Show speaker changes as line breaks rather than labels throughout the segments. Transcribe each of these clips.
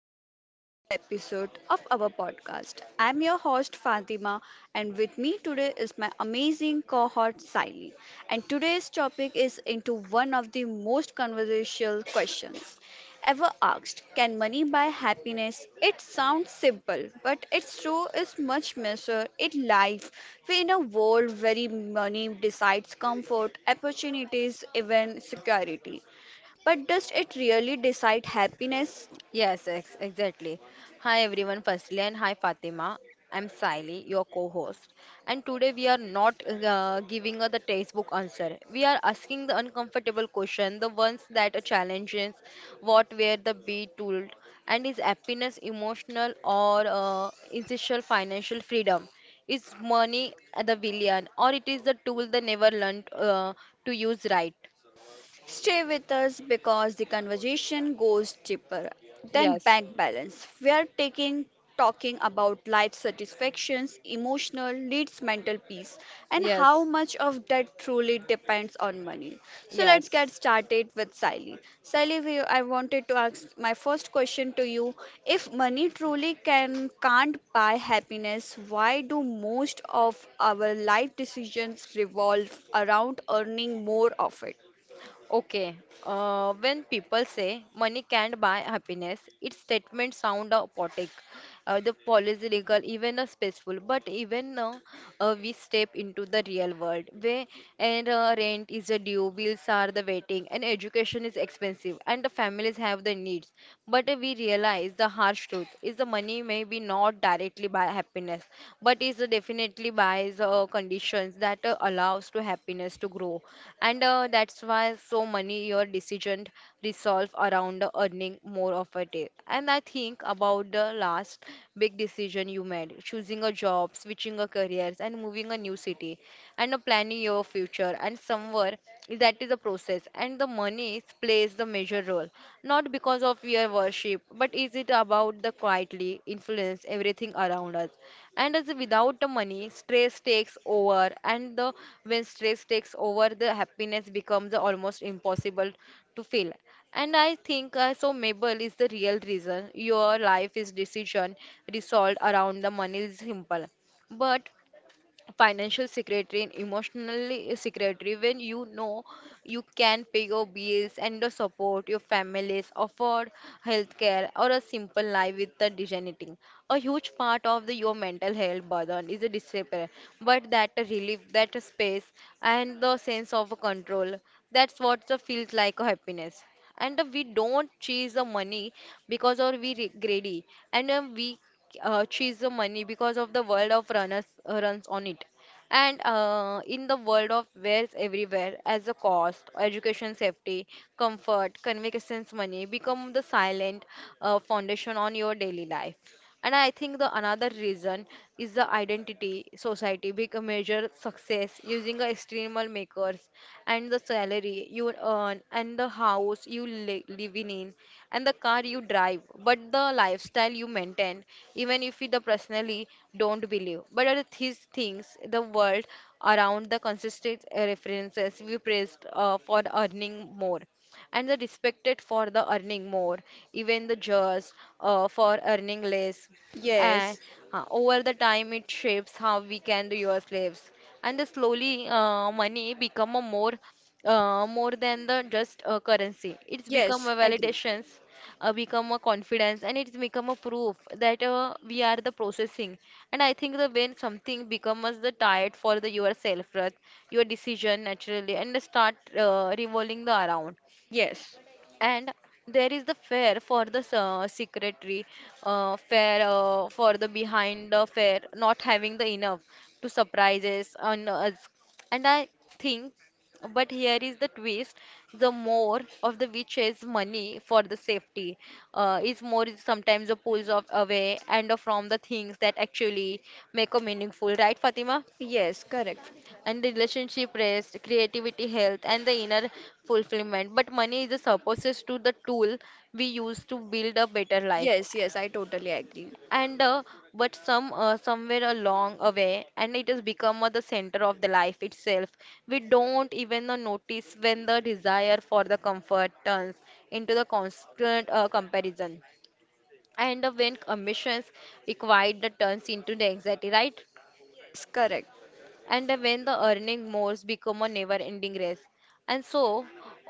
back to the another episode of our podcast. I'm your host Fatima and with me today is my amazing cohort Siley. And today's topic is into one of the most controversial questions ever asked. Can money buy happiness? It sounds simple, but its true is much measure in life. We in a world where money decides comfort, opportunities, even security. But does it really decide happiness?
Yes, ex exactly. Hi everyone, firstly, and hi Fatima. I'm Siley, your co-host, and today we are not giving the textbook answer. We are asking the uncomfortable question, the ones that challenges what were the be told, and is happiness emotional or essential financial freedom? Is money the villain, or it is the tool they never learned to use right?
Stay with us because the conversation goes deeper than
Yes.
bank balance. We are taking talking about life satisfactions, emotional needs, mental peace, and how
Yes.
much of that truly depends on money. So let's
Yes.
get started with Sally. Sally, I wanted to ask my first question to you. If money truly can't buy happiness, why do most of our life decisions revolve around earning more of it?
Okay. When people say money can't buy happiness, its statement sound poetic the political, even a peaceful. But even now, we step into the real world where and rent is a due, bills are the waiting, and education is expensive, and the families have the needs. But we realize the harsh truth is the money may be not directly by happiness, but is definitely buys conditions that allows to happiness to grow, and that's why so many your decision resolve around earning more of a day. And I think about the last big decision you made, choosing a job, switching a career, and moving a new city, and planning your future. And somewhere that is a process, and the money plays the major role, not because of your worship, but is it about the quietly influence everything around us, and as without the money stress takes over, and the when stress takes over the happiness becomes almost impossible to feel. And I think so mabel is the real reason your life is decision resolved around the money is simple, but financial secretary and emotionally secretary when you know you can pay your bills and the support your families afford healthcare or a simple life with the dignity, a huge part of your mental health burden is a disrepair. But that relief, that space, and the sense of control, that's what the feels like a happiness. And we don't chase the money because or we greedy, and we chase the money because of the world of runners runs on it. And in the world of wares everywhere as a cost education safety comfort convenience money become the silent foundation on your daily life. And I think the another reason is the identity society big measure success using the external makers, and the salary you earn, and the house you live in, and the car you drive, but the lifestyle you maintain. Even if you the personally don't believe, but are these things the world around the consistent references we praised for earning more, and the respected for the earning more, even the just for earning less. And
Yes,
over the time, it shapes how we can do your slaves. And the slowly, money become a more more than the just a currency. It's become
yes,
a
agree.
validations, become a confidence, and it's become a proof that we are the processing. And I think that when something becomes the tired for the yourself, worth, your decision naturally, and start revolving the around.
Yes,
And there is the fair for the secretary, fair for the behind the fair, not having the enough to surprises on us. And I think, but here is the twist: the more of the which is money for the safety is more is sometimes the pulls of away and from the things that actually make a meaningful, right, Fatima?
yes, correct.
And the relationship rest creativity health and the inner fulfillment, but money is a supposed to the tool we use to build a better life.
Yes, yes, I totally agree.
And but some somewhere along a way, and it has become the center of the life itself. We don't even notice when the desire for the comfort turns into the constant comparison, and when ambitions required the turns into the anxiety, right?
It's correct.
And when the earning more become a never ending race. And so,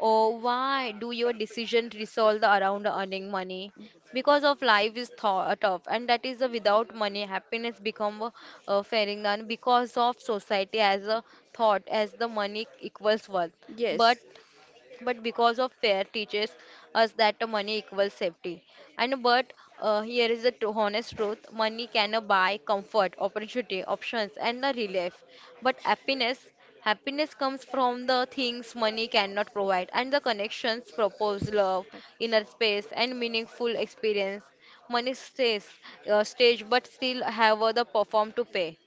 oh, why do your decision resolve the around earning money? Because of life is thought of, and that is the without money happiness become a fairing, and because of society as a thought as the money equals worth,
Yes,
but but because of fair teaches us that the money equals safety. And but here is the honest truth, money can buy comfort opportunity options and the relief, but happiness comes from the things money cannot provide, and the connections propose love inner space and meaningful experience. Money stays stage, but still have the perform to pay.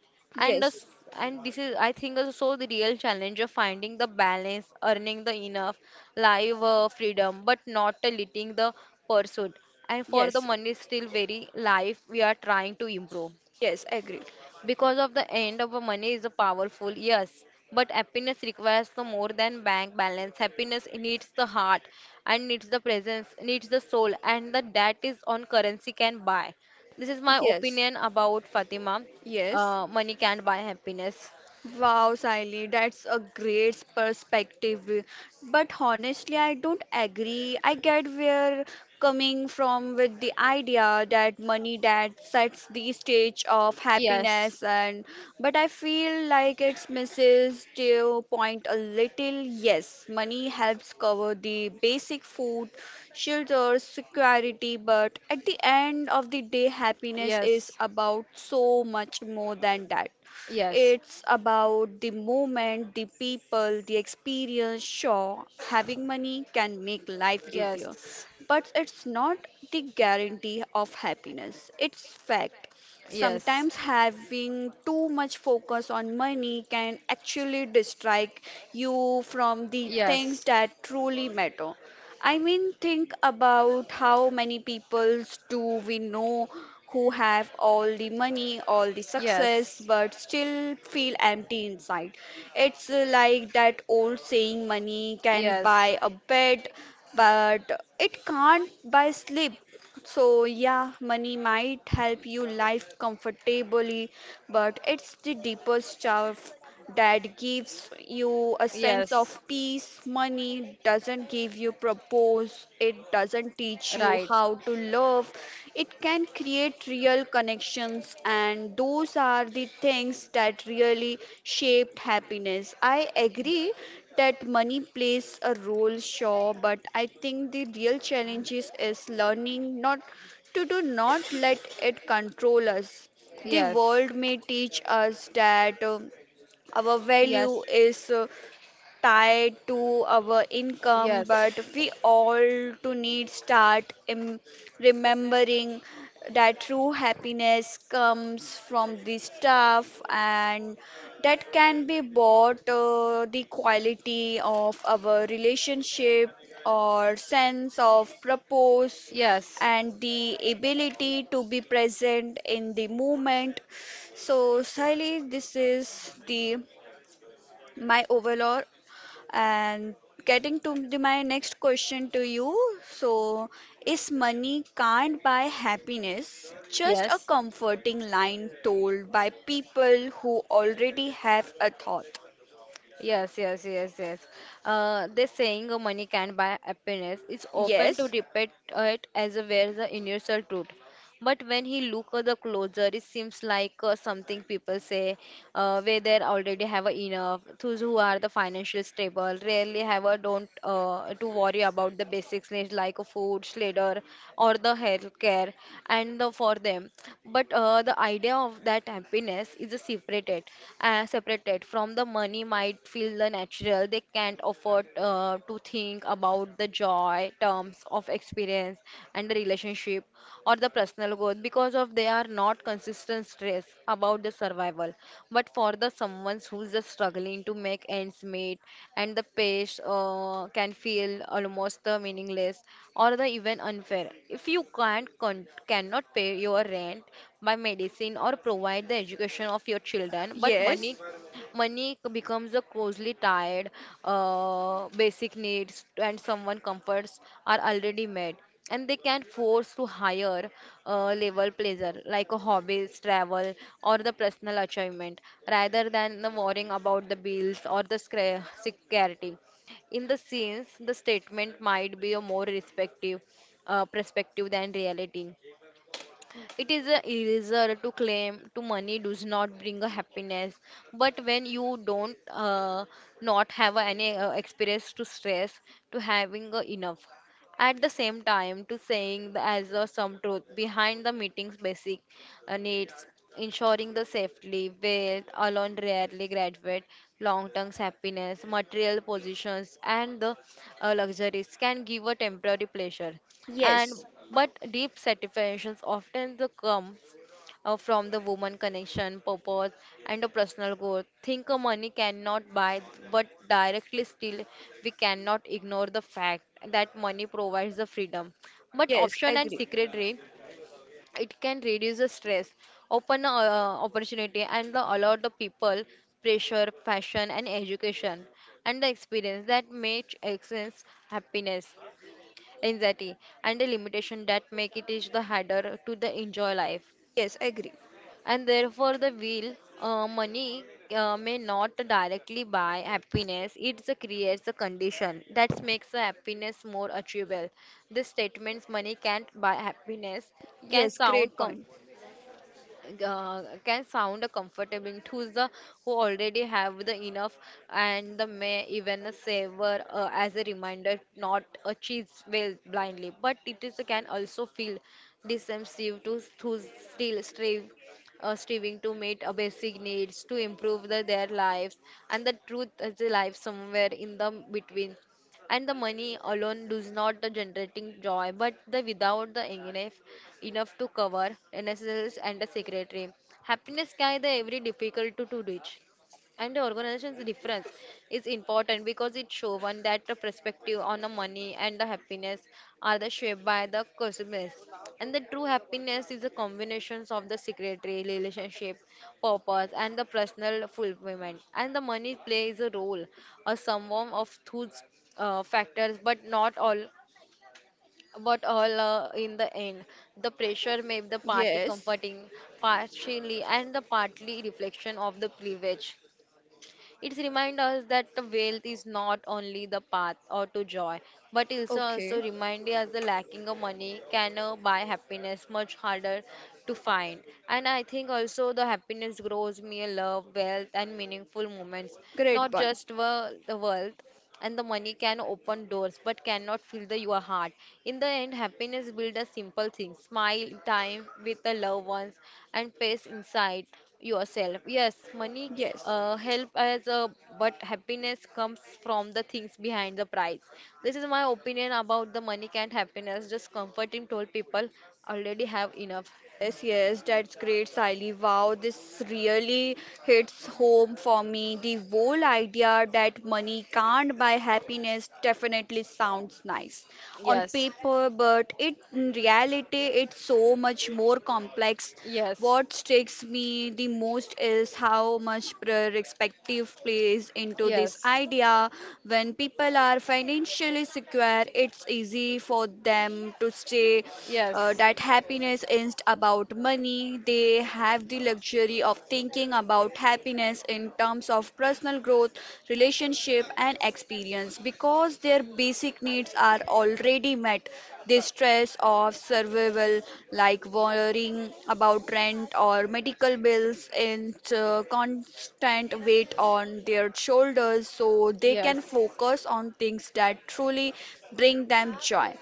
And us,
yes,
and this is I think also the real challenge of finding the balance, earning the enough, live freedom, but not letting the pursuit and for the
yes,
money still very life we are trying to improve.
yes, agree.
Because of the end of a money is a powerful, yes. But happiness requires the more than bank balance. Happiness needs the heart, and needs the presence, needs the soul, and the that is on currency can buy. This is my
Yes,
opinion about Fatima.
yes,
Money can't buy happiness.
wow, Siley, that's a great perspective. But honestly, I don't agree. I get where coming from with the idea that money that sets the stage of
Yes.
happiness and but I feel like it misses the point a little. Yes, money helps cover the basic food, shelter, security, but at the end of the day happiness is
Yes.
about so much more than that.
Yes.
It's about the moment, the people, the experience. Sure, having money can make life easier,
Yes.
but it's not the guarantee of happiness. It's fact.
Yes.
Sometimes having too much focus on money can actually distract you from the
Yes.
things that truly matter. I mean, think about how many people do we know who have all the money, all the success, but still feel empty inside. It's like that old saying money can
Yes. Yes.
buy a bed, but it can't buy sleep. So, yeah, money might help you live comfortably, but it's the deeper stuff that gives you a sense
Yes.
of peace. Money doesn't give you purpose, it doesn't teach you
Right.
how to love. It can create real connections, and those are the things that really shaped happiness. I agree that money plays a role, sure, but I think the real challenge is learning not to do not let it control us. The
Yes.
world may teach us that our
Yes.
value is tied to our income,
Yes.
but we all to need start remembering that true happiness comes from the stuff and that can be bought, the quality of our relationship or sense of purpose
Yes.
and the ability to be present in the moment. So Sally, this is the my overall and getting to my next question to you. So, is money can't buy happiness just a
Yes.
comforting line told by people who already have a thought?
Yes, yes, yes, yes. The saying "Oh, money can buy happiness is often to
Yes,
repeat it as a where the universal truth. But when he look at the closer, it seems like something people say where they already have enough. Those who are the financial stable rarely have a don't to worry about the basics needs like food, shelter, or the health care, and the, for them. But the idea of that happiness is a separated, separated from the money might feel the natural. They can't afford to think about the joy, terms of experience, and the relationship or the personal growth because of they are not consistent stress about the survival. But for the someone who's just struggling to make ends meet and the pace can feel almost the meaningless or the even unfair. If you can't cannot pay your rent, buy medicine or provide the education of your children but money.
yes,
Money becomes a closely tied basic needs, and someone comforts are already met, and they can force to higher level pleasure like a hobbies, travel or the personal achievement, rather than the worrying about the bills or the security. In the scenes, the statement might be a more respective perspective than reality. It is a erasure to claim to money does not bring a happiness. But when you don't not have any experience to stress to having enough at the same time to saying the as a some truth behind the meeting's basic needs, ensuring the safely wealth alone rarely graduate long term happiness material positions and the luxuries can give a temporary pleasure,
yes,
and but deep satisfactions often the come from the woman connection, purpose, and a personal growth. Think money cannot buy, but directly still, we cannot ignore the fact that money provides the freedom. But
yes,
option and
agree.
secretary, it can reduce the stress, open opportunity, and the, allow the people pressure, passion, and education, and the experience that makes excellence happiness, anxiety, and the limitation that make it is the harder to the enjoy life.
Yes, agree.
And therefore, the will, money may not directly buy happiness. It creates a condition that makes the happiness more achievable. The statements money can't buy happiness can
Yes,
sound
great point.
comforting to the who already have the enough, and the may even savor as a reminder not a cheese well blindly, but it is can also feel deceptive to still strive striving to meet a basic needs to improve the, their lives. And the truth is the life somewhere in the between, and the money alone does not the generating joy, but the without the enough to cover necessities and a secretary happiness can the every difficult to reach. And the organization's difference is important because it shows one that the perspective on the money and the happiness are the shaped by the consumers, and the true happiness is the combinations of the secretary relationship, purpose, and the personal fulfillment, and the money plays a role, a sum of those factors but not all, but all in the end the pressure made the party
Yes,
comforting, partially and the partly reflection of the privilege. It reminds us that wealth is not only the path or to joy, but also also
okay,
remind us the lacking of money can buy happiness much harder to find. And I think also the happiness grows me love, wealth, and meaningful moments,
great
not
point.
just the wealth. And the money can open doors but cannot fill your heart. In the end happiness builds a simple thing, smile time with the loved ones and peace inside yourself. Yes, money
Yes,
help as a, but happiness comes from the things behind the price. This is my opinion about the money can't happiness just comforting told people already have enough.
yes, yes, that's great, Siley. Wow, this really hits home for me. The whole idea that money can't buy happiness definitely sounds nice on
yes.
paper, but it in reality it's so much more complex.
Yes,
What strikes me the most is how much perspective plays into this
yes,
idea. When people are financially secure, it's easy for them to say,
yes.
that happiness isn't about money. They have the luxury of thinking about happiness in terms of personal growth, relationship, and experience because their basic needs are already met. The stress of survival, like worrying about rent or medical bills, and, constant weight on their shoulders, so they can
Yes,
focus on things that truly bring them joy.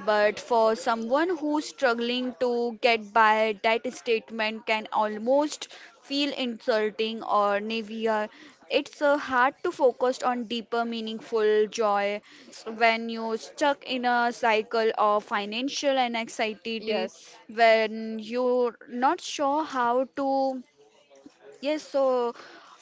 But for someone who's struggling to get by, that statement can almost feel insulting or naive. It's hard to focus on deeper, meaningful joy when you're stuck in a cycle of financial and anxiety, when you're not sure how to, yes, so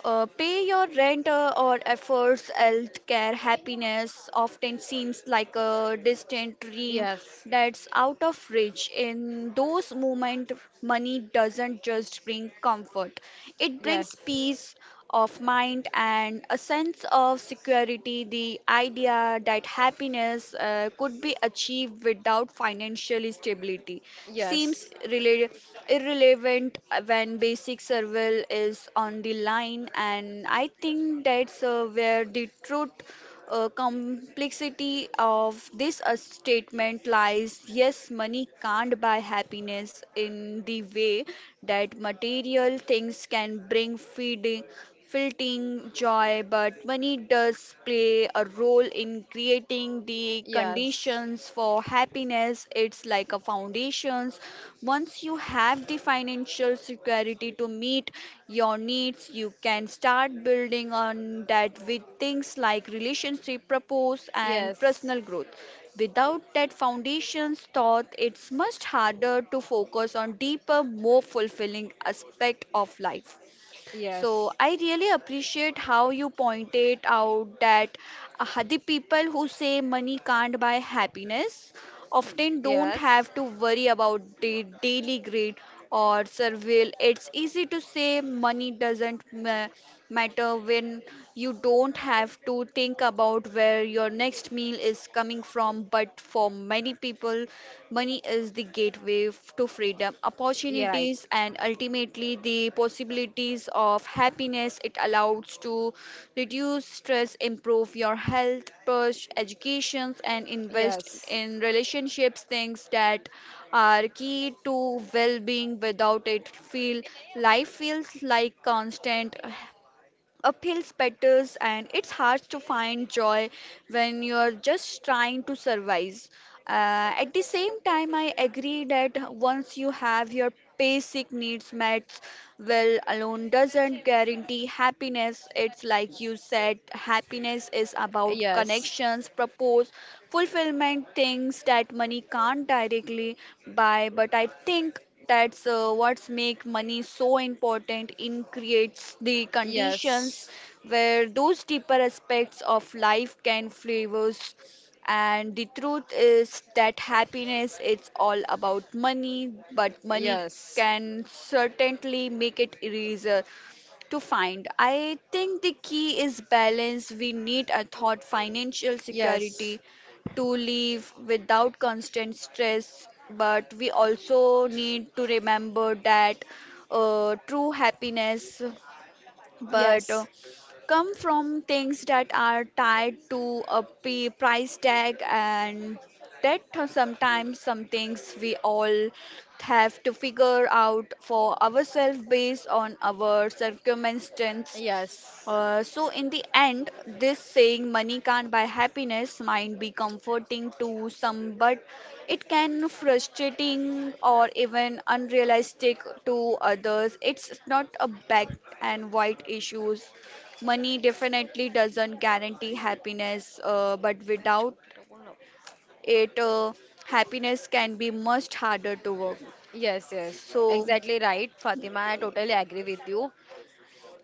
yes.
pay your rent or efforts, health care, happiness often seems like a distant dream that's out of reach. In those moments, money doesn't just bring comfort, it brings peace of mind and a sense of security. The idea that happiness could be achieved without financial stability seems irrelevant when basic survival is on the line, and I think that's where the truth, complexity of this statement lies. Yes, money can't buy happiness in the way that material things can bring feeding filtering joy, but money does play a role in creating the
Yes. Yes.
conditions for happiness. It's like a foundations. Once you have the financial security to meet your needs, you can start building on that with things like relationship, purpose, and
Yes.
personal growth. Without that foundation's thought, it's much harder to focus on deeper, more fulfilling aspect of life. So
Yes.
I really appreciate how you pointed out that, the people who say money can't buy happiness often don't
Yes.
have to worry about the daily greed or survival. It's easy to say money doesn't matter when you don't have to think about where your next meal is coming from. But for many people, money is the gateway to freedom,
Yeah, right.
opportunities, and ultimately the possibilities of happiness. It allows to reduce stress, improve your health, push educations, and invest
Yes.
in relationships, things that are key to well-being. Without it, feel life feels like constant uphill spatters and it's hard to find joy when you're just trying to survive. At the same time, I agree that once you have your basic needs met, well alone doesn't guarantee happiness. It's like you said, happiness is about
Yes.
connections propose fulfillment, things that money can't directly buy, but I think that's what's make money so important in creates the conditions
Yes.
where those deeper aspects of life can flavors. And the truth is that happiness it's all about money, but money
Yes.
can certainly make it easier to find. I think the key is balance. We need a thought financial
Yes.
security to live without constant stress, but we also need to remember that, true happiness but
Yes.
come from things that are tied to a price tag, and that sometimes some things we all have to figure out for ourselves based on our circumstance. So, in the end, this saying money can't buy happiness might be comforting to some, but it can frustrating or even unrealistic to others. It's not a black and white issues. Money definitely doesn't guarantee happiness, but
Yes.
without
Yes.
it, happiness can be much harder to work.
Yes, yes.
So.
Exactly right, Fatima. I totally agree with you.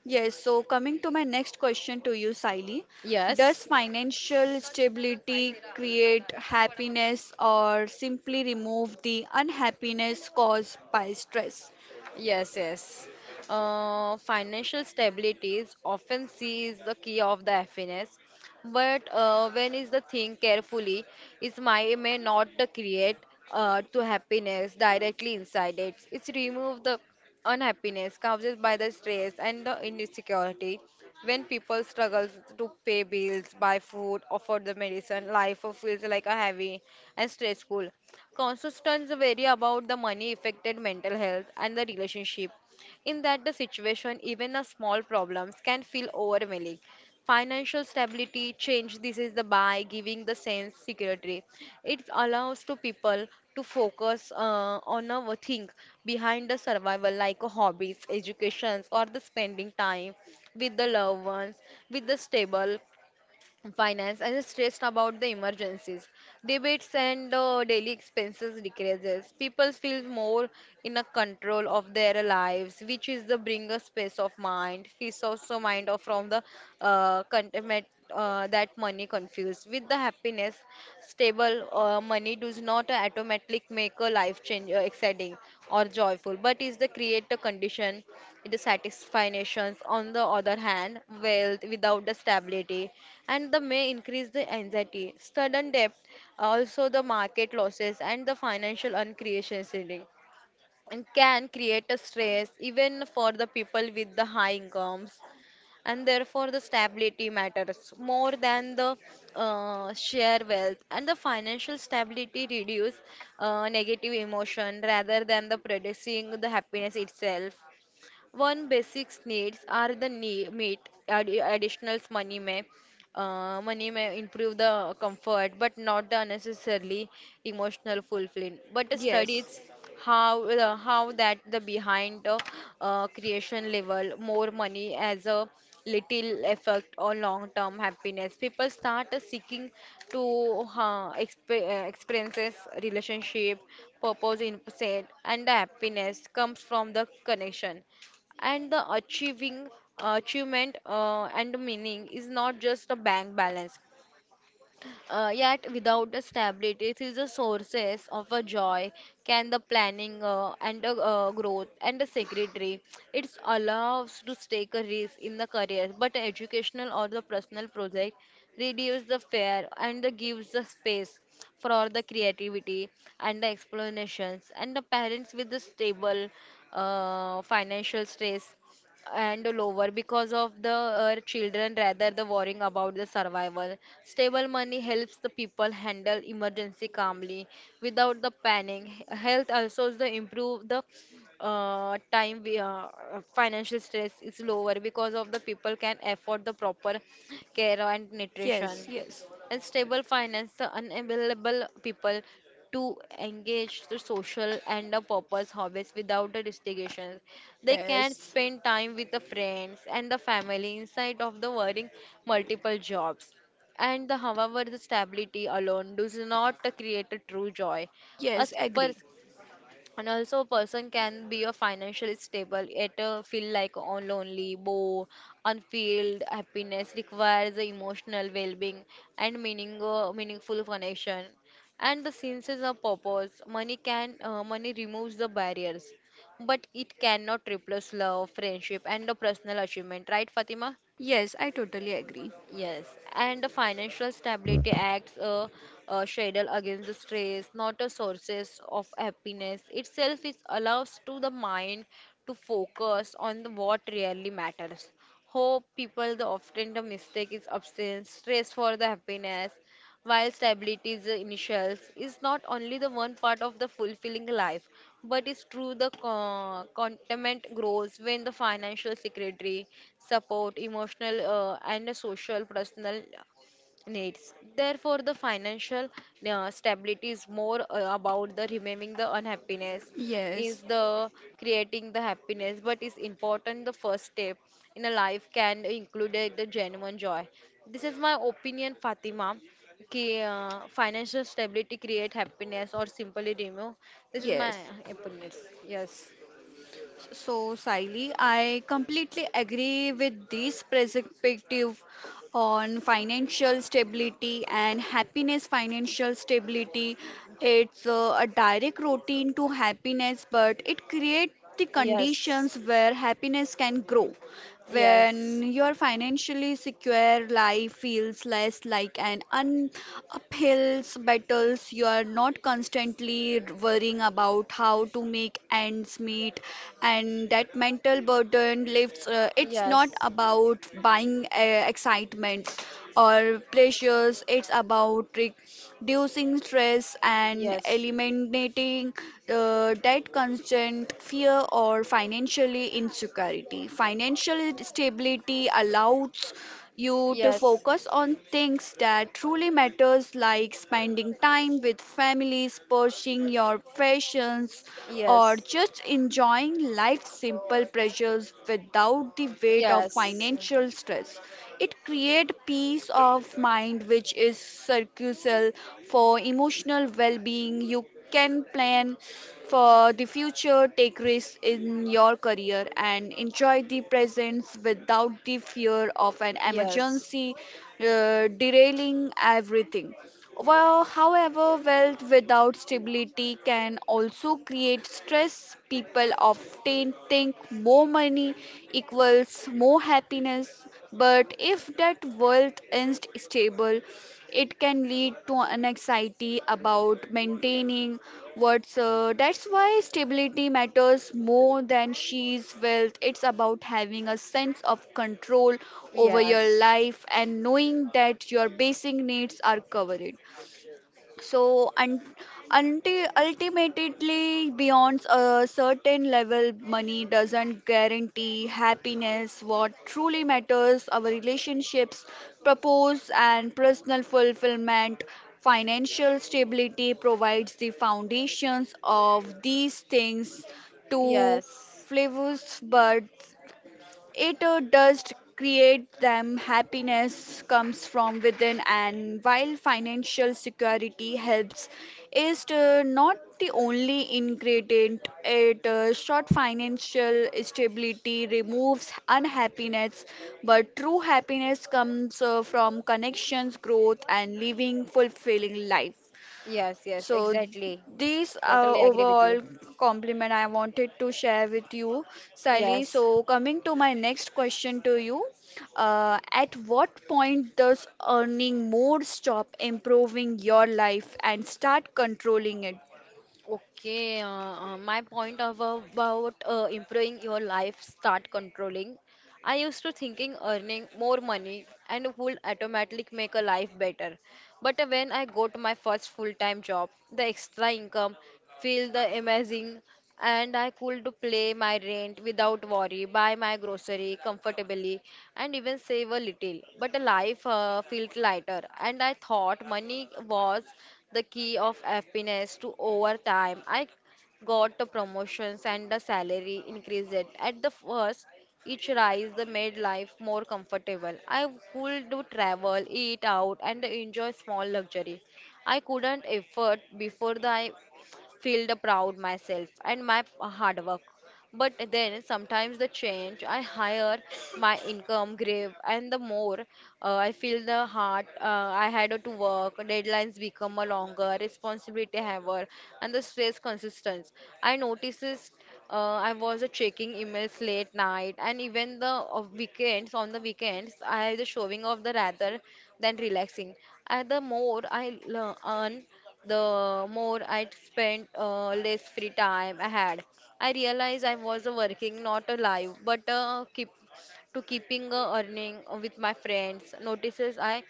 Yes, so coming to my next question to you, Saili,
Yes.
does financial stability create happiness or simply remove the unhappiness caused by stress?
Yes, yes. Financial stability is often seen is the key of the happiness, but when is the thing carefully, it may not the create to happiness directly inside it. It's remove the unhappiness caused by the stress and the insecurity. When people struggle to pay bills, buy food, afford the medicine, life feels like a heavy and stressful. Constants vary about the money affected mental health and the relationship. In that the situation, even a small problems can feel overwhelming. Financial stability change this is the by giving the sense security. It allows to people to focus on a thing behind the survival like hobbies, educations or the spending time with the loved ones, with the stable finance and stressed about the emergencies debates and daily expenses decreases people feel more in a control of their lives, which is the bring a space of mind peace also mind or from the contentment that money confused with the happiness. Stable money does not automatically make a life change exciting or joyful, but is the create a condition the satisfactions. On the other hand, wealth without the stability and the may increase the anxiety sudden depth, also the market losses and the financial uncreationality, and can create a stress even for the people with the high incomes. And therefore the stability matters more than the share wealth, and the financial stability reduce negative emotion rather than the producing the happiness itself. One basic needs are the need, meet, add, additionals money may improve the comfort, but not the unnecessarily emotional fulfilling. But the
Yes,
studies how the how that the behind the creation level more money as a little effect on long term happiness. People start seeking to experiences, relationship, purpose, in set, and the happiness comes from the connection and the achieving achievement and meaning is not just a bank balance. Yet without the stability it is the sources of a joy, can the planning and the growth and the secretary. It allows to take a risk in the career but educational or the personal project, reduce the fear and the gives the space for the creativity and the explanations. And the parents with the stable financial stress and lower because of the children rather the worrying about the survival. Stable money helps the people handle emergency calmly without the panic. Health also is the improve the time financial stress is lower because of the people can afford the proper care and nutrition.
yes, yes,
And stable finance the unavailable people to engage the social and the purpose hobbies without the restrictions. They can
yes,
spend time with the friends and the family inside of the working multiple jobs. And the, however, the stability alone does not create a true joy. A
yes, agree.
pers- and also, a person can be a financially stable yet feel like on lonely, bow, unfilled. Happiness requires the emotional well-being and meaning, meaningful connection, and the senses of purpose. Money can money removes the barriers, but it cannot replace love, friendship, and the personal achievement. Right, Fatima?
Yes, I totally agree.
Yes, and the Financial Stability Acts a shadow against the stress, not a sources of happiness. Itself it allows to the mind to focus on the what really matters. Hope people the often the mistake is absence, stress for the happiness, while stability is initials is not only the one part of the fulfilling life, but it's true the contentment grows when the financial secretary support, emotional and social personal needs. Therefore, the financial stability is more about the removing the unhappiness, is
Yes,
the creating the happiness. But it's important the first step in a life can include the genuine joy. This is my opinion, Fatima. कि, financial stability create happiness or simply remove. This is my
yes.
opinion. Yes,
So, Siley, I completely agree with this perspective on financial stability and happiness. Financial stability, it's a direct routine to happiness, but it creates the
yes,
conditions where happiness can grow.
yes,
When you're financially secure, life feels less like an uphill battles. You're not constantly worrying about how to make ends meet, and that mental burden lifts. It's not
yes.
about buying, excitement or pleasures. It's about reducing stress and
Yes.
eliminating that constant fear or financially insecurity. Financial stability allows you to focus on things that truly matters like spending time with families, pursuing your passions, or
Yes. Yes.
just enjoying life's simple pleasures without the weight of
Yes.
financial stress. It creates peace of mind, which is crucial for emotional well being. You can plan for the future, take risks in your career, and enjoy the presence without the fear of an
Yes.
emergency derailing everything. Well, however, wealth without stability can also create stress. People often think more money equals more happiness, but if that wealth is not stable, it can lead to an anxiety about maintaining what's, that's why stability matters more than she's wealth. It's about having a sense of control over your
Yes.
life and knowing that your basic needs are covered. So, un until ultimately, beyond a certain level, money doesn't guarantee happiness. What truly matters are relationships, purpose, and personal fulfillment. Financial stability provides the foundations of these things to
Yes.
flavors, but it, does create them. Happiness comes from within, and while financial security helps, is not the only ingredient. It, short financial stability removes unhappiness, but true happiness comes, from connections, growth, and living fulfilling life.
Yes, yes,
So
exactly.
these,
Totally agree with you.
overall compliment I wanted to share with you, Sally.
Yes.
So coming to my next question to you, at what point does earning more stop improving your life and start controlling it?
Okay, my point of about improving your life start controlling. I used to thinking earning more money and would automatically make a life better. But when I got my first full-time job, the extra income feel the amazing and I could play my rent without worry, buy my grocery comfortably and even save a little. But life felt lighter and I thought money was the key of happiness to over time. I got the promotions and the salary increased. At the first, each rise the made life more comfortable. I would do travel, eat out, and enjoy small luxury I couldn't afford before, the feel the proud myself and my hard work. But then sometimes the change, I higher my income grave, and the more I feel the heart I had to work, deadlines become a longer, responsibility heavier, and the stress consistent. I notices I was checking emails late night, and even the weekends on the weekends I the showing of the rather than relaxing. And the more I earn the more I spent, less free time I had. I realized I was working not alive, but keeping earning with my friends. Notices I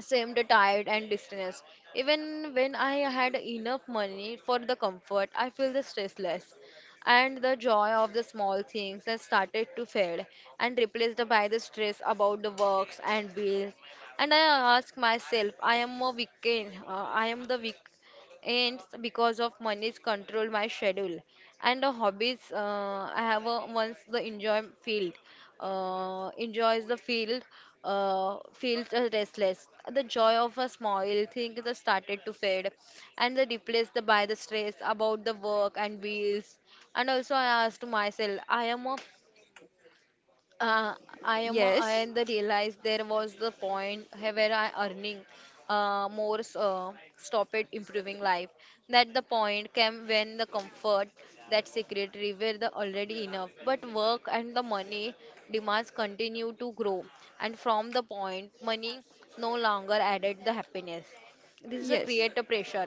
seemed tired and distressed. Even when I had enough money for the comfort, I feel the stressless. And the joy of the small things that started to fade and replaced by the stress about the works and bills. And I ask myself, I am a weekend, I am the weak, and because of money's control my schedule and the hobbies I have a, once the enjoy field feels restless. The joy of a small thing that started to fade and the replaced by the stress about the work and bills. And also I asked myself I am a uh, I
Yes.
and the realize there was the point where I earning stop it improving life. That the point came when the comfort that secretary were the already enough, but work and the money demands continue to grow, and from the point money no longer added the happiness. This is a
Yes.
creator pressure.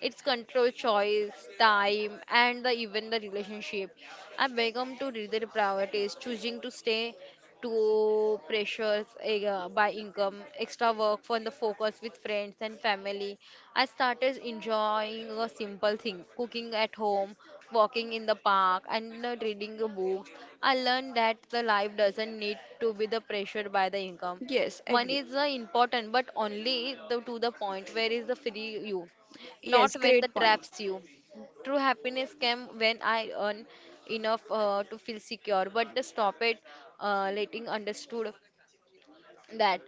It's control choice, time, and the, even the relationship. I become to their priorities, choosing to stay to pressures eh, by income, extra work for the focus with friends and family. I started enjoying a simple thing, cooking at home, walking in the park, and reading the books. I learned that the life doesn't need to be the pressure by the income.
Yes,
Money
agree.
is important, but only the, to the point where is the free you,
Yes,
not when
great
the
point.
traps you. True happiness came when I earn enough to feel secure, but the stop it letting understood that,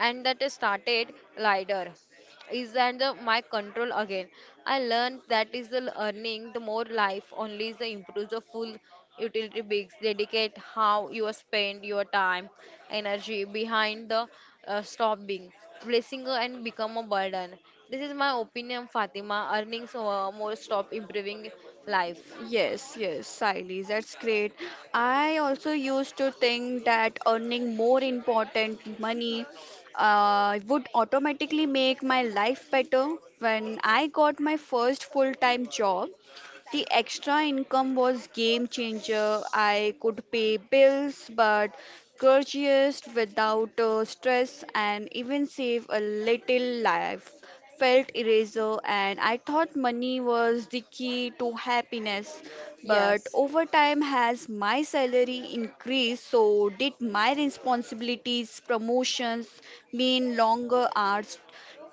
and that is started lighter is, and the, my control again. I learned that is the earning the more life only is the improves the full utility bigs dedicate how you spend your time energy behind the stop being blessing and become a burden. This is my opinion, Fatima. Earnings more stop improving life.
Yes, yes, Siley, that's great. I also used to think that earning more important money would automatically make my life better. When I got my first full-time job, the extra income was game changer. I could pay bills but courteous without stress and even save a little life felt eraser, and I thought money was the key to happiness. But
Yes,
over time, has my salary increased, so did my responsibilities. Promotions mean longer hours,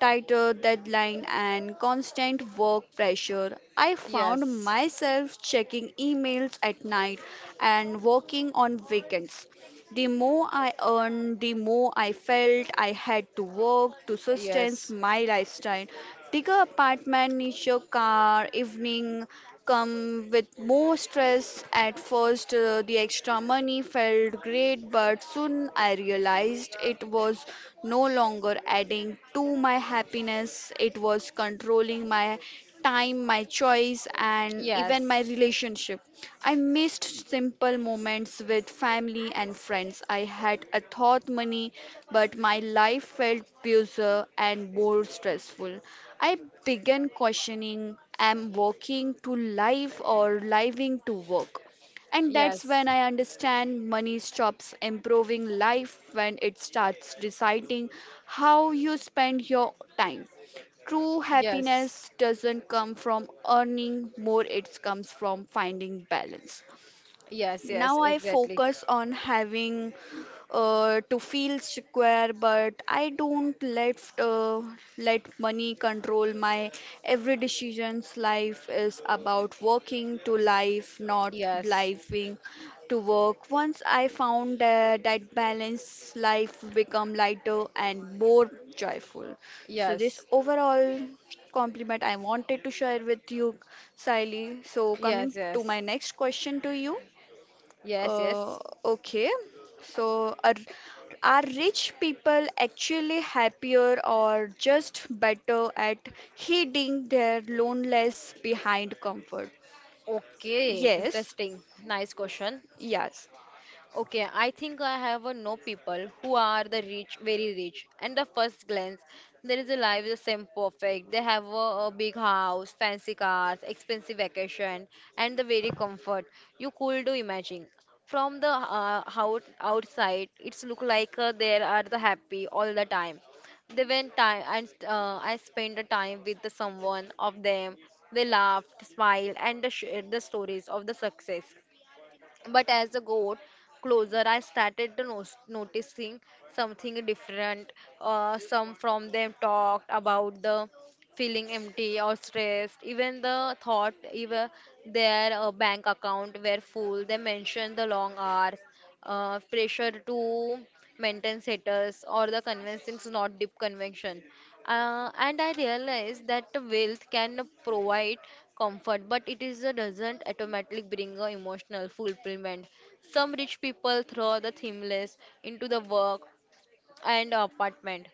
tighter deadline and constant work pressure. I found
yes.
myself checking emails at night and working on weekends. The more I earned, the more I felt I had to work to sustain
Yes.
my lifestyle. Bigger apartment, nicer car, evening come with more stress. At first, the extra money felt great, but soon I realized it was no longer adding to my happiness. It was controlling my time, my choice, and even
Yes.
my relationship. I missed simple moments with family and friends. I had a thought money, but my life felt busier and more stressful. I began questioning, am working to live or living to work? And that's when I understand money stops improving life when it starts deciding how you spend your time. True
Yes. Yes.
happiness doesn't come from earning more, it comes from finding balance.
Yes, yes,
Now I
exactly.
focus on having to feel secure, but I don't let money control my every decisions. Life is about working to life, not
Yes,
living to work. Once I found that balance, life become lighter and more joyful. So this
yes,
overall compliment I wanted to share with you, Siley. So coming
yes,
to
yes,
my next question to you.
yes,
Uh,
yes.
okay, so are rich people actually happier or just better at hiding their loneliness behind comfort?
Okay,
Yes,
interesting. Nice question.
yes,
Okay, I think I have a know people who are the rich, very rich, and the first glance there is a life the same perfect. They have a big house, fancy cars, expensive vacation, and the very comfort you could imagine. From the outside, it's look like they are the happy all the time. They went time and I spent the time with the someone of them. They laughed, smiled, and the shared the stories of the success. But as I got closer, I started to noticing something different. Some from them talked about the feeling empty or stressed, even the thought, even their bank account were full. They mentioned the long hours, pressure to maintain status or the convincing, not deep conviction. And I realized that the wealth can provide comfort, but it is doesn't automatically bring a emotional fulfillment. Some rich people throw the themless into the work and apartment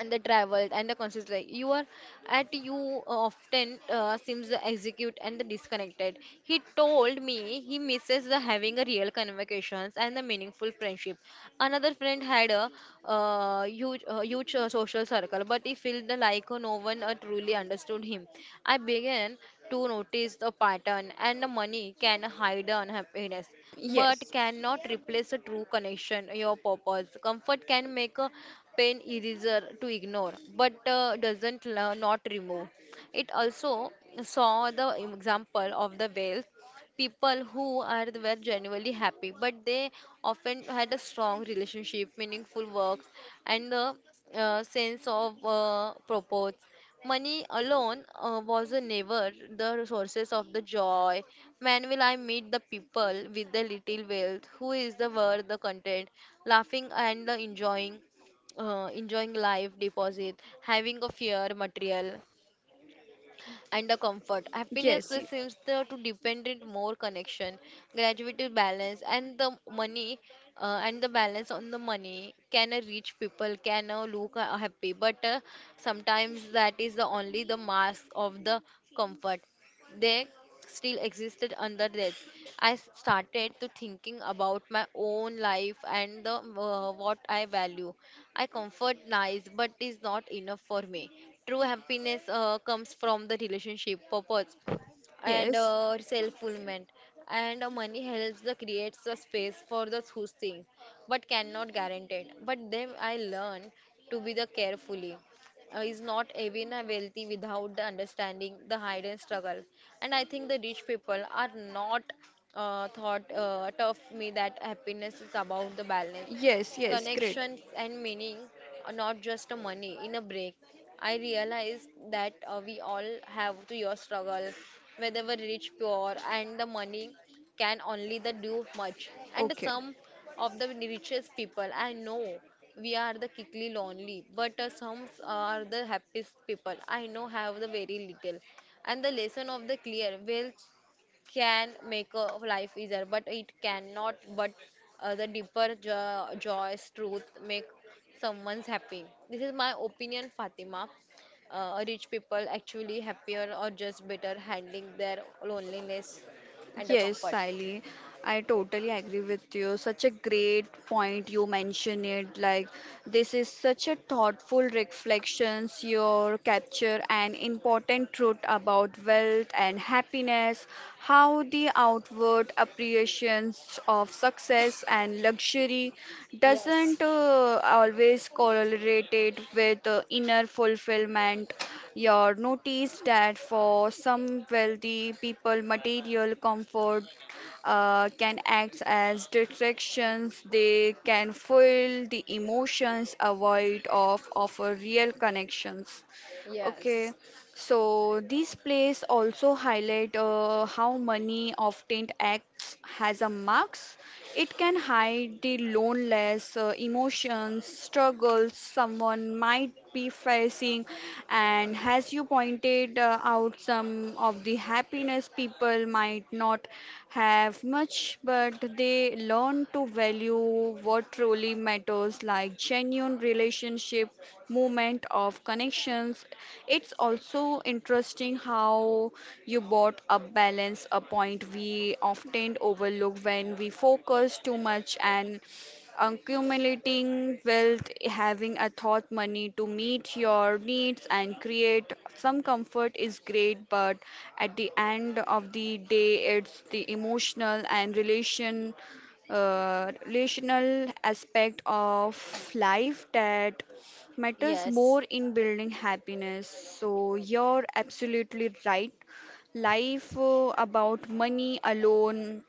and the travel and the consistency. You are at you often seems the execute and the disconnected. He told me he misses the having a real conversations and the meaningful friendship. Another friend had a huge social circle, but he felt the like no one truly understood him. I began to notice the pattern, and the money can hide the unhappiness but
yes,
cannot replace a true connection, your purpose. Comfort can make a pain easier to ignore, but doesn't la- not remove. It also saw the example of the wealth people who are were genuinely happy, but they often had a strong relationship, meaningful work, and the sense of purpose. Money alone was never the sources of the joy. Man will I meet the people with the little wealth who is the worth the content, laughing and the enjoying, enjoying life deposit, having a fair material and the comfort. Happiness
yes,
seems to depend on more connection, graduated balance, and the money and the balance on the money can a rich people, can look happy, but sometimes that is the only the mask of the comfort they still existed under that. Started to thinking about my own life and the what I value. I comfort nice but is not enough for me. True happiness comes from the relationship purpose and
yes,
self-fulfillment, and money helps the creates a space for the those things but cannot guarantee. But then I learn to be the carefully, is not even a wealthy without the understanding the hidden struggle. And I think the rich people are not thought tough me that happiness is about the balance,
yes, yes, great.
connections and meaning, are not just a money in a break. I realized that we all have to your struggle, whether we're rich poor, and the money can only the do much. And
Okay.
some of the richest people, I know we are the quickly lonely, but some are the happiest people I know have the very little. And the lesson of the clear wealth can make a life easier, but it cannot. But the deeper joys, truth make someone's happy. This is my opinion, Fatima. Rich people actually happier or just better handling their loneliness and a
Yes,
comfort?
Sally, I totally agree with you. Such a great point you mentioned it. Like, this is such a thoughtful reflections your capture an important truth about wealth and happiness, how the outward appreciations of success and luxury
Yes.
doesn't always correlate it with inner fulfillment. You'll notice that for some wealthy people, material comfort can act as distractions. They can fuel the emotions, avoid of offer real connections. Okay.
Yes,
So these plays also highlight how money often acts as a mask. It can hide the loneliness, emotions, struggles someone might be facing, and as you pointed out, some of the happiness people might not have much, but they learn to value what truly matters, like genuine relationship, moment of connections. It's also interesting how you brought up balance, a point we often overlook when we focus too much and accumulating wealth. Having a thought money to meet your needs and create some comfort is great, but at the end of the day, it's the emotional and relational aspect of life that matters
yes,
more in building happiness. So you're absolutely right. Life about money alone,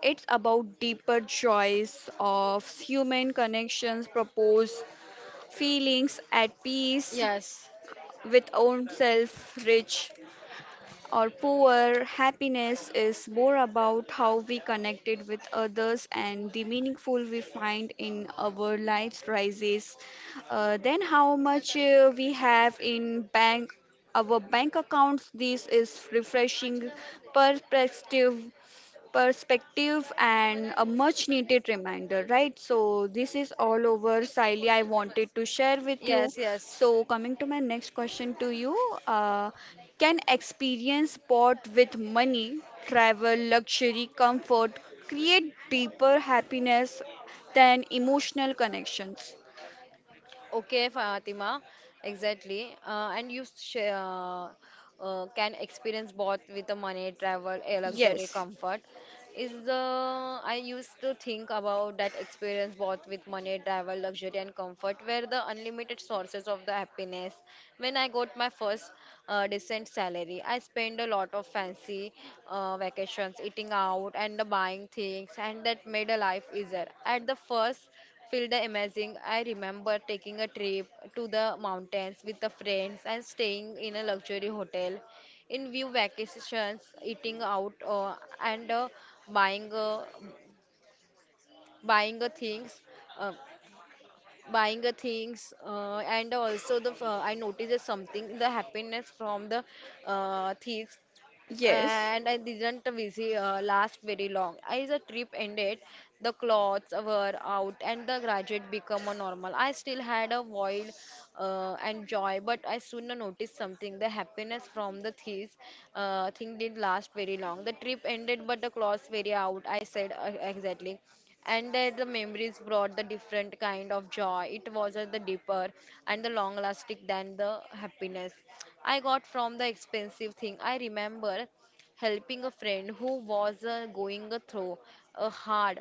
it's about deeper joys of human connections, propose feelings at peace
yes,
with oneself, rich or poor. Happiness is more about how we connected with others and the meaningful we find in our lives rises. Then how much we have in bank our bank accounts. This is refreshing perspective perspective and a much needed reminder, right? So, this is all over, Siley, I wanted to share with you.
yes, yes.
So, coming to my next question to you. uh, Can experience bought with money, travel, luxury, comfort create deeper happiness than emotional connections?
Okay, Fatima, exactly. And you share, can experience both with the money, travel, a luxury,
Yes,
comfort. Is the I used to think about that experience both with money, travel, luxury, and comfort were the unlimited sources of the happiness. When I got my first decent salary, I spent a lot of fancy vacations, eating out, and buying things, and that made a life easier. At the first feel the amazing. I remember taking a trip to the mountains with the friends and staying in a luxury hotel in view vacations eating out and buying buying things, uh, buying a things and also the I noticed something the happiness from the things,
yes,
and I didn't visit last very long. As the trip ended, the clothes were out and the graduate become a normal. I still had a void and joy, but I soon noticed something. The happiness from the thieves thing did last very long. The trip ended, but the clothes very out. I said exactly, and that the memories brought the different kind of joy. It was the deeper and the long lasting than the happiness I got from the expensive thing. I remember helping a friend who was going through a hard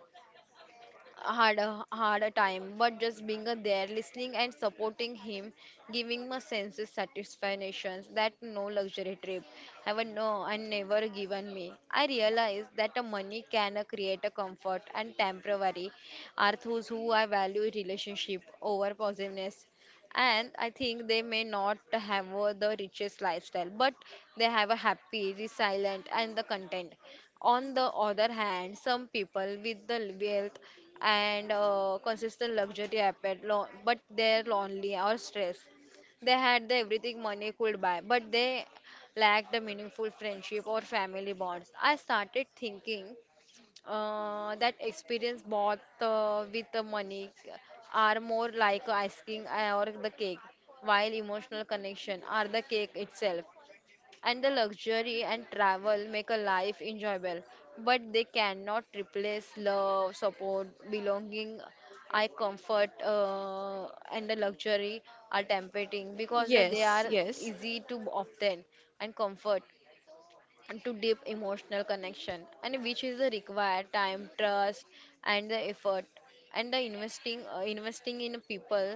had a hard a time, but just being a there, listening and supporting him, giving me sense of satisfaction that no luxury trip ever no and never given me. I realized that the money can create a comfort and temporary are those who I value relationship over positiveness. And I think they may not have the richest lifestyle, but they have a happy, resilient, and the content. On the other hand, some people with the wealth and consistent luxury appeared, but they're lonely or stressed. They had the everything money could buy, but they lacked the meaningful friendship or family bonds. I started thinking that experience bought with the money are more like ice cream or the cake, while emotional connection are the cake itself, and the luxury and travel make a life enjoyable, but they cannot replace love, support, belonging. I comfort, and the luxury are tempting because that they
yes,
are
yes,
easy to obtain and comfort to deep emotional connection, and which is the required time trust and the effort and the investing investing in people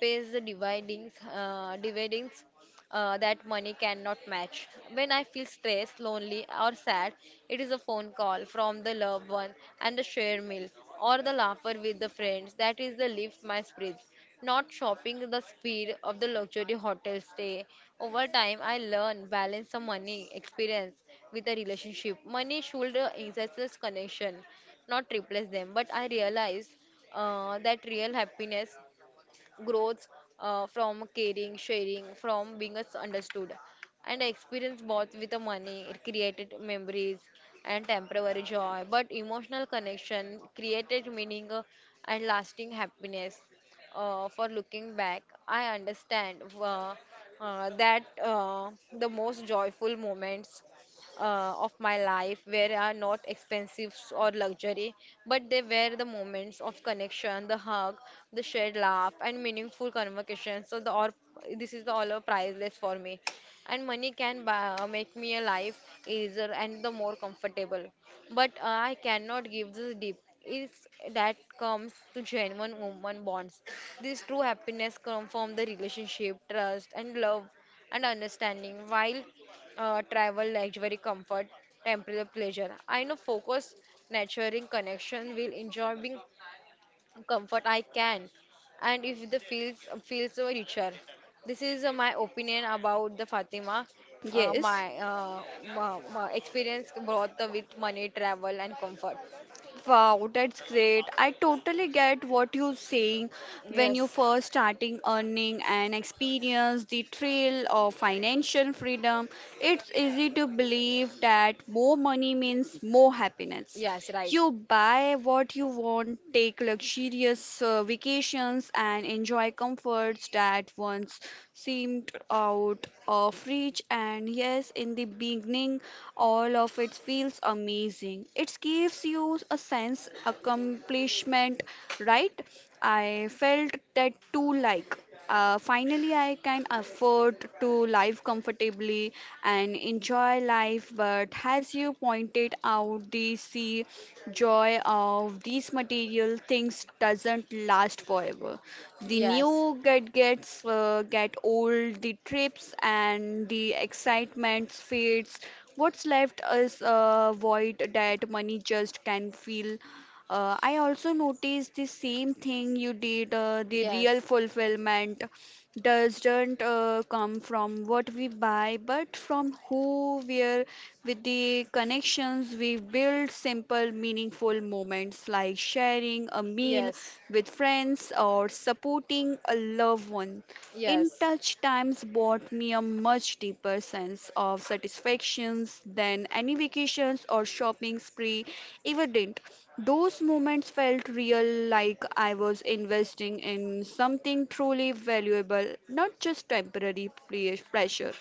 pays the dividends dividends that money cannot match. When I feel stressed, lonely or sad, it is a phone call from the loved one and the share meal or the laughter with the friends that is the lift my spirits, not shopping the speed of the luxury hotel stay. Over time, I learned balance the money experience with the relationship. Money should enhance this connection, not replace them. But I realized that real happiness grows from caring, sharing, from being us understood. And I experienced both with the money, it created memories and temporary joy, but emotional connection created meaning and lasting happiness. For looking back, I understand that the most joyful moments of my life where are not expensive or luxury, but they were the moments of connection, the hug, the shared laugh, and meaningful conversations. So the or this is the all are priceless for me, and money can buy, make me a life easier and the more comfortable, but I cannot give this deep is that comes to genuine human bonds. This true happiness comes from the relationship, trust, and love and understanding. While travel, luxury, comfort, temporary pleasure. I know focus, nurturing connection will enjoy being comfort I can, and if the feels feels so richer. This is my opinion about the Fatima. Uh, my,
yes.
uh, my experience brought with money, travel, and comfort.
Wow, that's great. I totally get what you're saying when you
Yes.
first starting earning and experience the thrill of financial freedom. It's easy to believe that more money means more happiness.
Yes, right.
You buy what you want, take luxurious vacations, and enjoy comforts that once seemed out of reach. And yes, in the beginning, all of it feels amazing. It gives you a sense accomplishment, right? I felt that too, like. Finally, I can afford to live comfortably and enjoy life, but as you pointed out, the sea joy of these material things doesn't last forever. The
Yes.
new get old, the trips and the excitement fades. What's left is a void that money just can fill. I also noticed the same thing you did. The real
Yes.
fulfillment doesn't come from what we buy, but from who we are with the connections we build, simple, meaningful moments like sharing a meal with friends or supporting a loved one. In
Yes.
touch times brought me a much deeper sense of
Yes.
satisfactions than any vacations or shopping spree ever did. Those moments felt real, like I was investing in something truly valuable, not just temporary pleasure.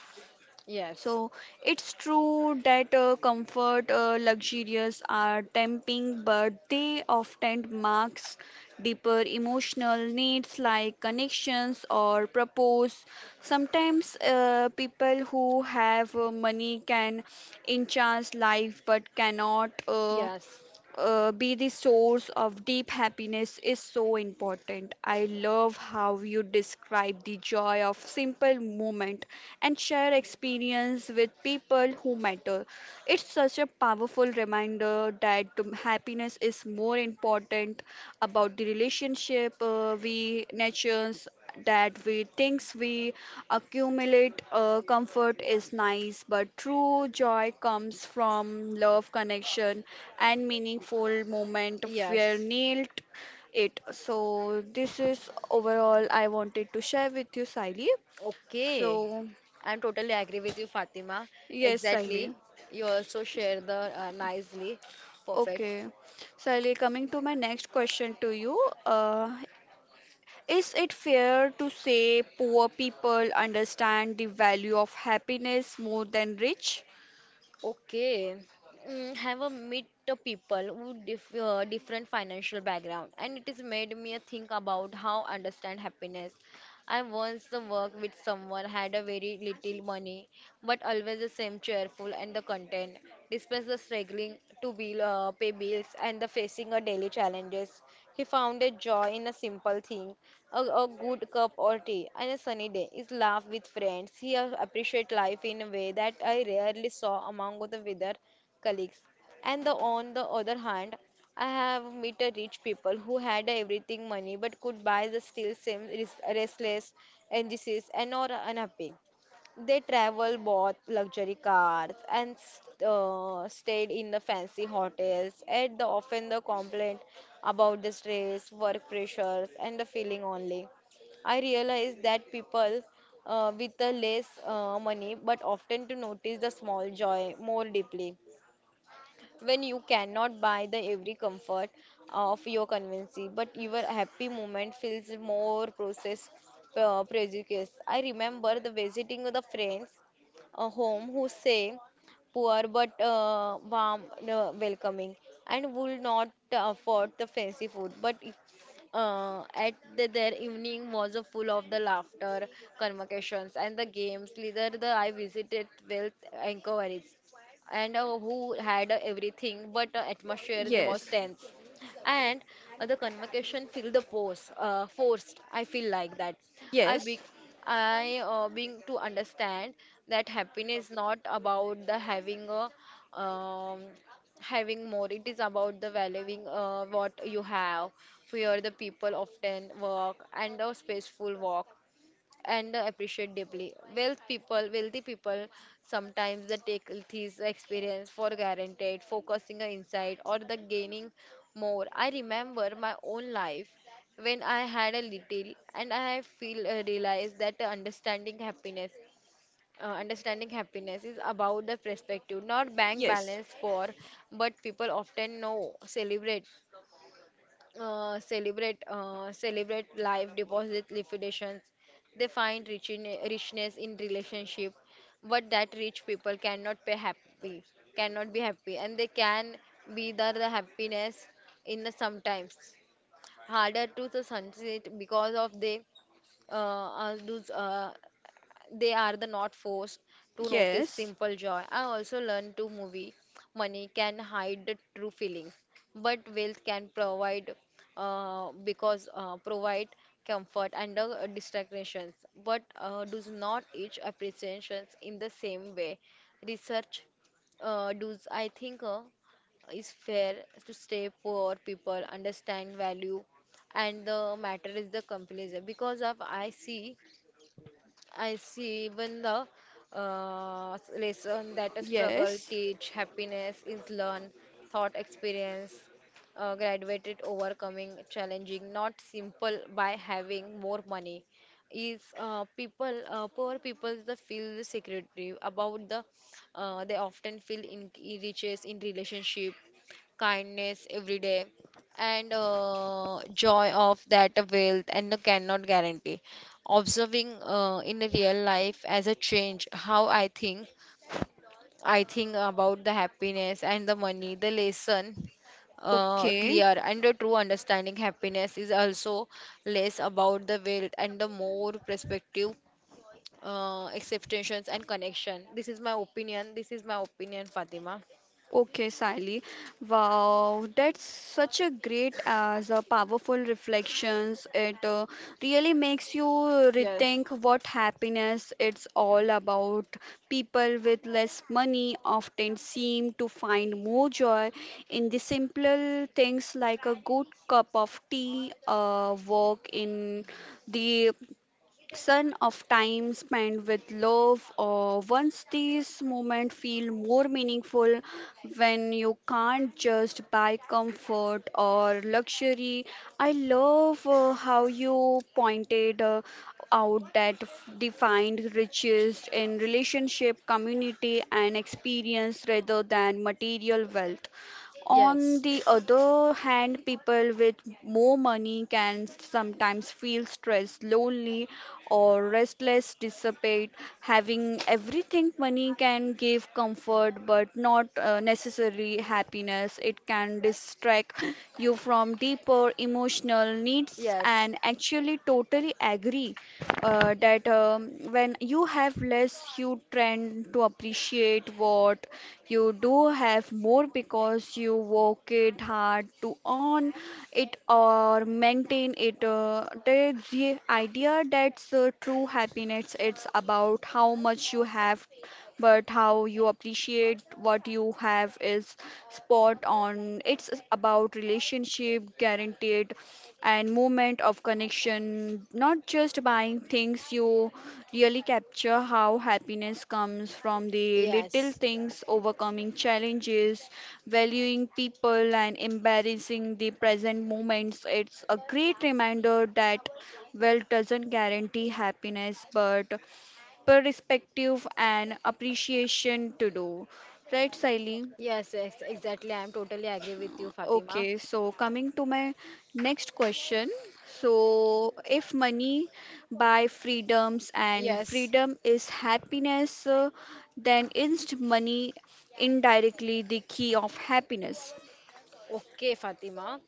Yes,
So it's true that comfort, luxurious are tempting, but they often marks deeper emotional needs like connections or purpose. Sometimes people who have money can enhance life, but cannot.
yes,
Be the source of deep happiness is so important. I love how you describe the joy of simple moment and share experience with people who matter. It's such a powerful reminder that happiness is more important about the relationship we nurtures that we thinks we accumulate. Comfort is nice, but true joy comes from love connection and meaningful moment where
yes.
nailed it. So this is overall I wanted to share with you, Siley.
Okay.
So
I'm totally agree with you, Fatima.
yes, Siley.
Exactly. You also share the nicely. Perfect.
Okay, Siley, coming to my next question to you. uh, is it fair to say poor people understand the value of happiness more than rich?
Okay. Mm, have a meet the people who different financial background, and it has made me think about how understand happiness. I once worked with someone had a very little money, but always the same cheerful and the content, despite the struggling to bill, pay bills and the facing a daily challenges. He found a joy in a simple thing, a good cup or tea on a sunny day is laugh with friends. He appreciate life in a way that I rarely saw among the other colleagues. And the, on the other hand, I have met a rich people who had everything money but could buy the still same restless, anxious and or unhappy. They travel bought luxury cars and stayed in the fancy hotels. At the often the complaint about the stress, work pressures, and the feeling only. I realized that people with the less money but often to notice the small joy more deeply. When you cannot buy the every comfort of your convenience, but your happy moment feels more process prejudiced. I remember the visiting of the friends a home who say poor but warm welcoming, and would not afford the fancy food, but at the, their evening was a full of the laughter convocations and the games leader. The I visited wealth inquiries and who had everything, but atmosphere was
Yes.
tense. And the convocation feel the pose, forced. I feel like that. I
Yes.
be, I being to understand that happiness not about the having a having more. It is about the valuing what you have. Fear the people often walk and a spaceful walk and appreciate deeply. Wealthy people, sometimes they take this experience for granted, focusing on insight or the gaining more. I remember my own life when I had a little, and I feel realized that understanding happiness. Understanding happiness is about the perspective, not bank
Yes.
balance score, but people often know, celebrate celebrate life deposit liquidations. They find richness in relationship, but that rich people cannot be happy and they can be the happiness in the sometimes harder to the sunset because of they uh, those they are the not forced to notice
Yes.
simple joy. I also learned to movie. Money can hide the true feelings, but wealth can provide because provide comfort and distractions, but does not each appreciations in the same way. Research does I think is fair to stay poor people understand value and the matter is the companies because of I see even the lesson that a struggle
Yes.
teach happiness is learned thought experience graduated overcoming challenging not simple by having more money is people poor people the feel the secretive about the they often feel in riches in relationship kindness every day and joy of that wealth and cannot guarantee observing in real life as a change how I think. I think about the happiness and the money, the lesson
Okay.
clear and the true understanding happiness is also less about the wealth and the more perspective acceptations and connection. This is my opinion. This is my opinion, Fatima.
Okay, Sally. Wow, that's such a great as a powerful reflections. It really makes you
Yes.
rethink what happiness it's all about. People with less money often seem to find more joy in the simpler things, like a good cup of tea, a walk in the son of time spent with love or once. These moments feel more meaningful when you can't just buy comfort or luxury. I love how you pointed out that defined riches in relationship, community and experience rather than material wealth. On
Yes.
the other hand, people with more money can sometimes feel stressed, lonely, or restless, dissipate. Having everything money can give comfort, but not necessarily happiness. It can distract you from deeper emotional needs,
Yes.
and actually, totally agree that when you have less, you tend to appreciate what you do have more, because you work it hard to earn it or maintain it. The idea that's true happiness, it's about how much you have but how you appreciate what you have is spot on. It's about relationship, guaranteed, and moment of connection, not just buying things. You really capture how happiness comes from the little
Yes.
things, overcoming challenges, valuing people, and embarrassing the present moments. It's a great reminder that wealth doesn't guarantee happiness, but perspective and appreciation to do. Right, Siley?
Yes, yes, exactly. I'm totally agree with you, Fatima.
Okay, so coming to my next question. So, if money buy freedoms and
Yes.
freedom is happiness, then isn't money indirectly the key of happiness?
Okay, Fatima.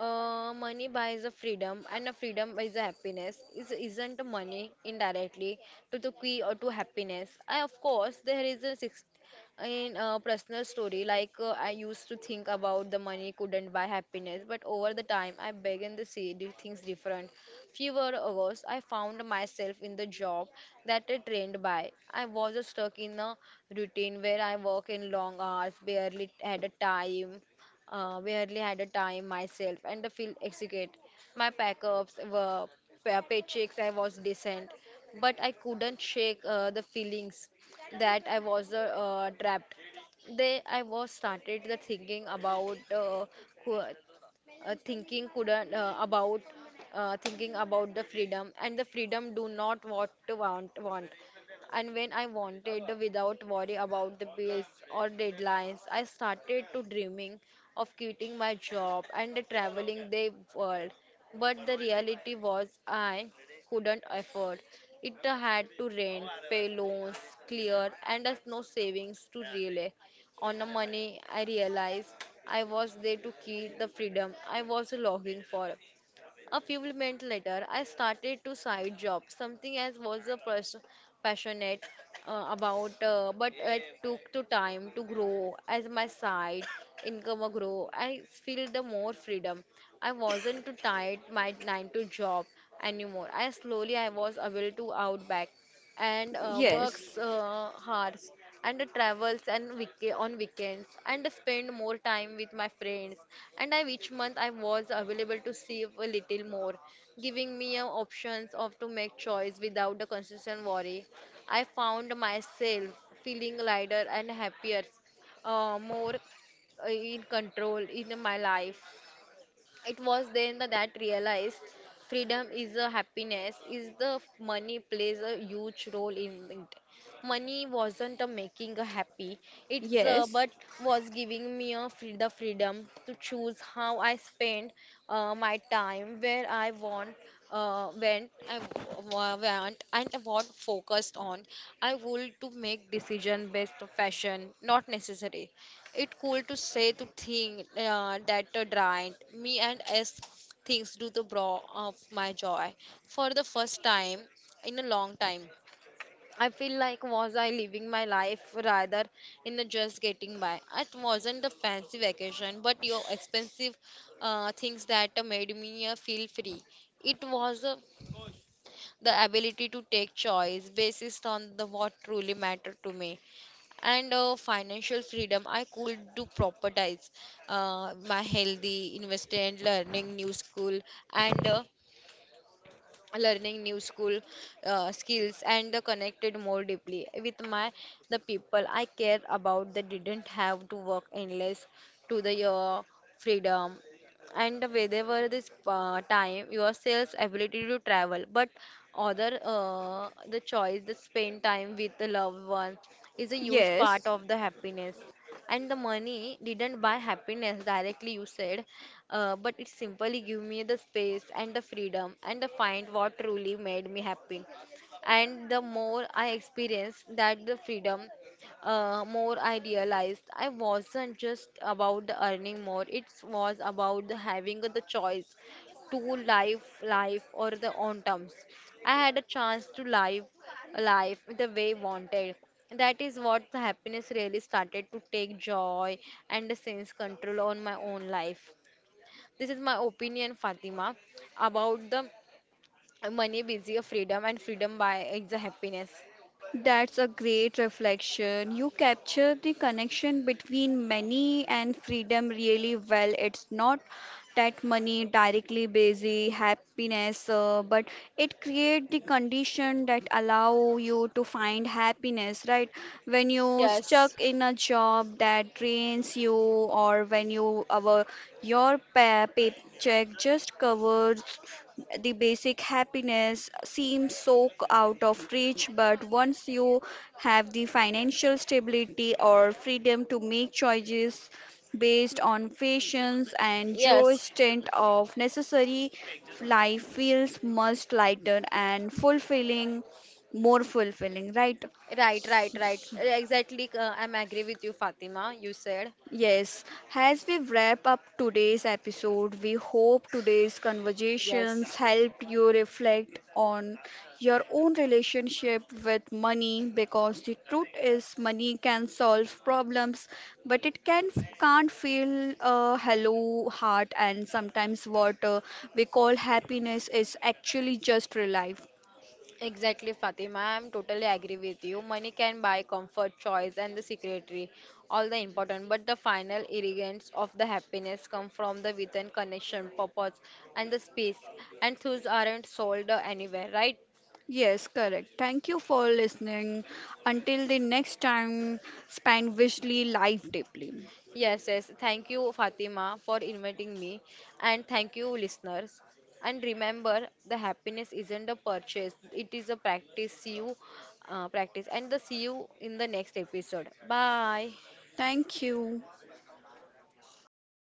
Money buys a freedom, and a freedom buys a happiness. Is isn't money indirectly to the key or to happiness? I of course there is a six in a personal story. Like I used to think about the money couldn't buy happiness, but over the time I began to see the things different. Fewer hours, I found myself in the job that I trained by. I was stuck in a routine where I work in long hours, barely had a time, barely had a time myself, and the feel execute. My packups were paychecks. I was decent, but I couldn't shake the feelings that I was trapped. They, I was started the thinking about thinking couldn't about thinking about the freedom and the freedom do not what to want and when I wanted without worry about the bills or deadlines I started to dreaming of quitting my job and traveling the world. But the reality was I couldn't afford it. I had to rent pay loans clear and as no savings to relay on the money, I realized I was there to keep the freedom I was longing for. A few months later, I started to side job, something I was a passionate about, but it took to time to grow as my side income grow. I feel the more freedom. I wasn't too tied my nine to job anymore. I slowly I was able to out back and
Yes,
works hard and travels and on weekends and spend more time with my friends and I each month I was available to save a little more, giving me options of to make choice without the constant worry. I found myself feeling lighter and happier, more in control in my life. It was then that realized freedom is a happiness, is the money plays a huge role in it. Money wasn't a making a happy, it's
yes,
but was giving me a free, the freedom to choose how I spend my time, where I want, when I want, and what focused on. I would to make decision based on fashion, not necessary it cool to say to think that the giant me and as things do the bra of my joy for the first time in a long time. I feel like was I living my life rather in a just getting by. It wasn't a fancy vacation, but your expensive things that made me feel free. It was the ability to take choice basis on the what truly mattered to me. And financial freedom I could do propertize my healthy invested learning new school and learning new school skills and the connected more deeply with my the people I care about. They didn't have to work endless to the your freedom. And whenever this time yourself's ability to travel but other the choice to spend time with the loved one is a huge
yes.
part of the happiness. And the money didn't buy happiness directly you said, but it simply gave me the space and the freedom and the find what truly made me happy. And the more I experienced that the freedom, more I realized I wasn't just about the earning more. It was about the having the choice to live life or the own terms. I had a chance to live life the way wanted. That is what the happiness really started to take joy and a sense control on my own life. This is my opinion, Fatima, about the money busy of freedom and freedom by it's a happiness.
That's a great reflection. You capture the connection between money and freedom really well. It's not that money directly busy happiness, but it creates the condition that allow you to find happiness, right? When you
Yes,
stuck in a job that drains you or when you our your paycheck just covers the basic, happiness seems so out of reach. But once you have the financial stability or freedom to make choices based on fashions and
yes.
Joe's stint of necessary, life feels much lighter and fulfilling, more fulfilling, right?
Right, right, right. Exactly, I'm agree with you, Fatima. You said.
Yes, as we wrap up today's episode, we hope today's
Yes.
conversations helped you reflect on your own relationship with money, because the truth is money can solve problems, but it can't feel a hello heart, and sometimes what we call happiness is actually just relief.
Exactly, Fatima. I'm totally agree with you. Money can buy comfort, choice, and the secretary, all the important. But the final ingredients of the happiness come from the within connection, purpose, and the space. And those aren't sold anywhere, right?
Yes, correct. Thank you for listening. Until the next time, spend wisely, life deeply.
Yes, yes. Thank you, Fatima, for inviting me. And thank you, listeners. And remember, the happiness isn't a purchase, it is a practice. See you, practice. And the see you in the next episode. Bye.
Thank you.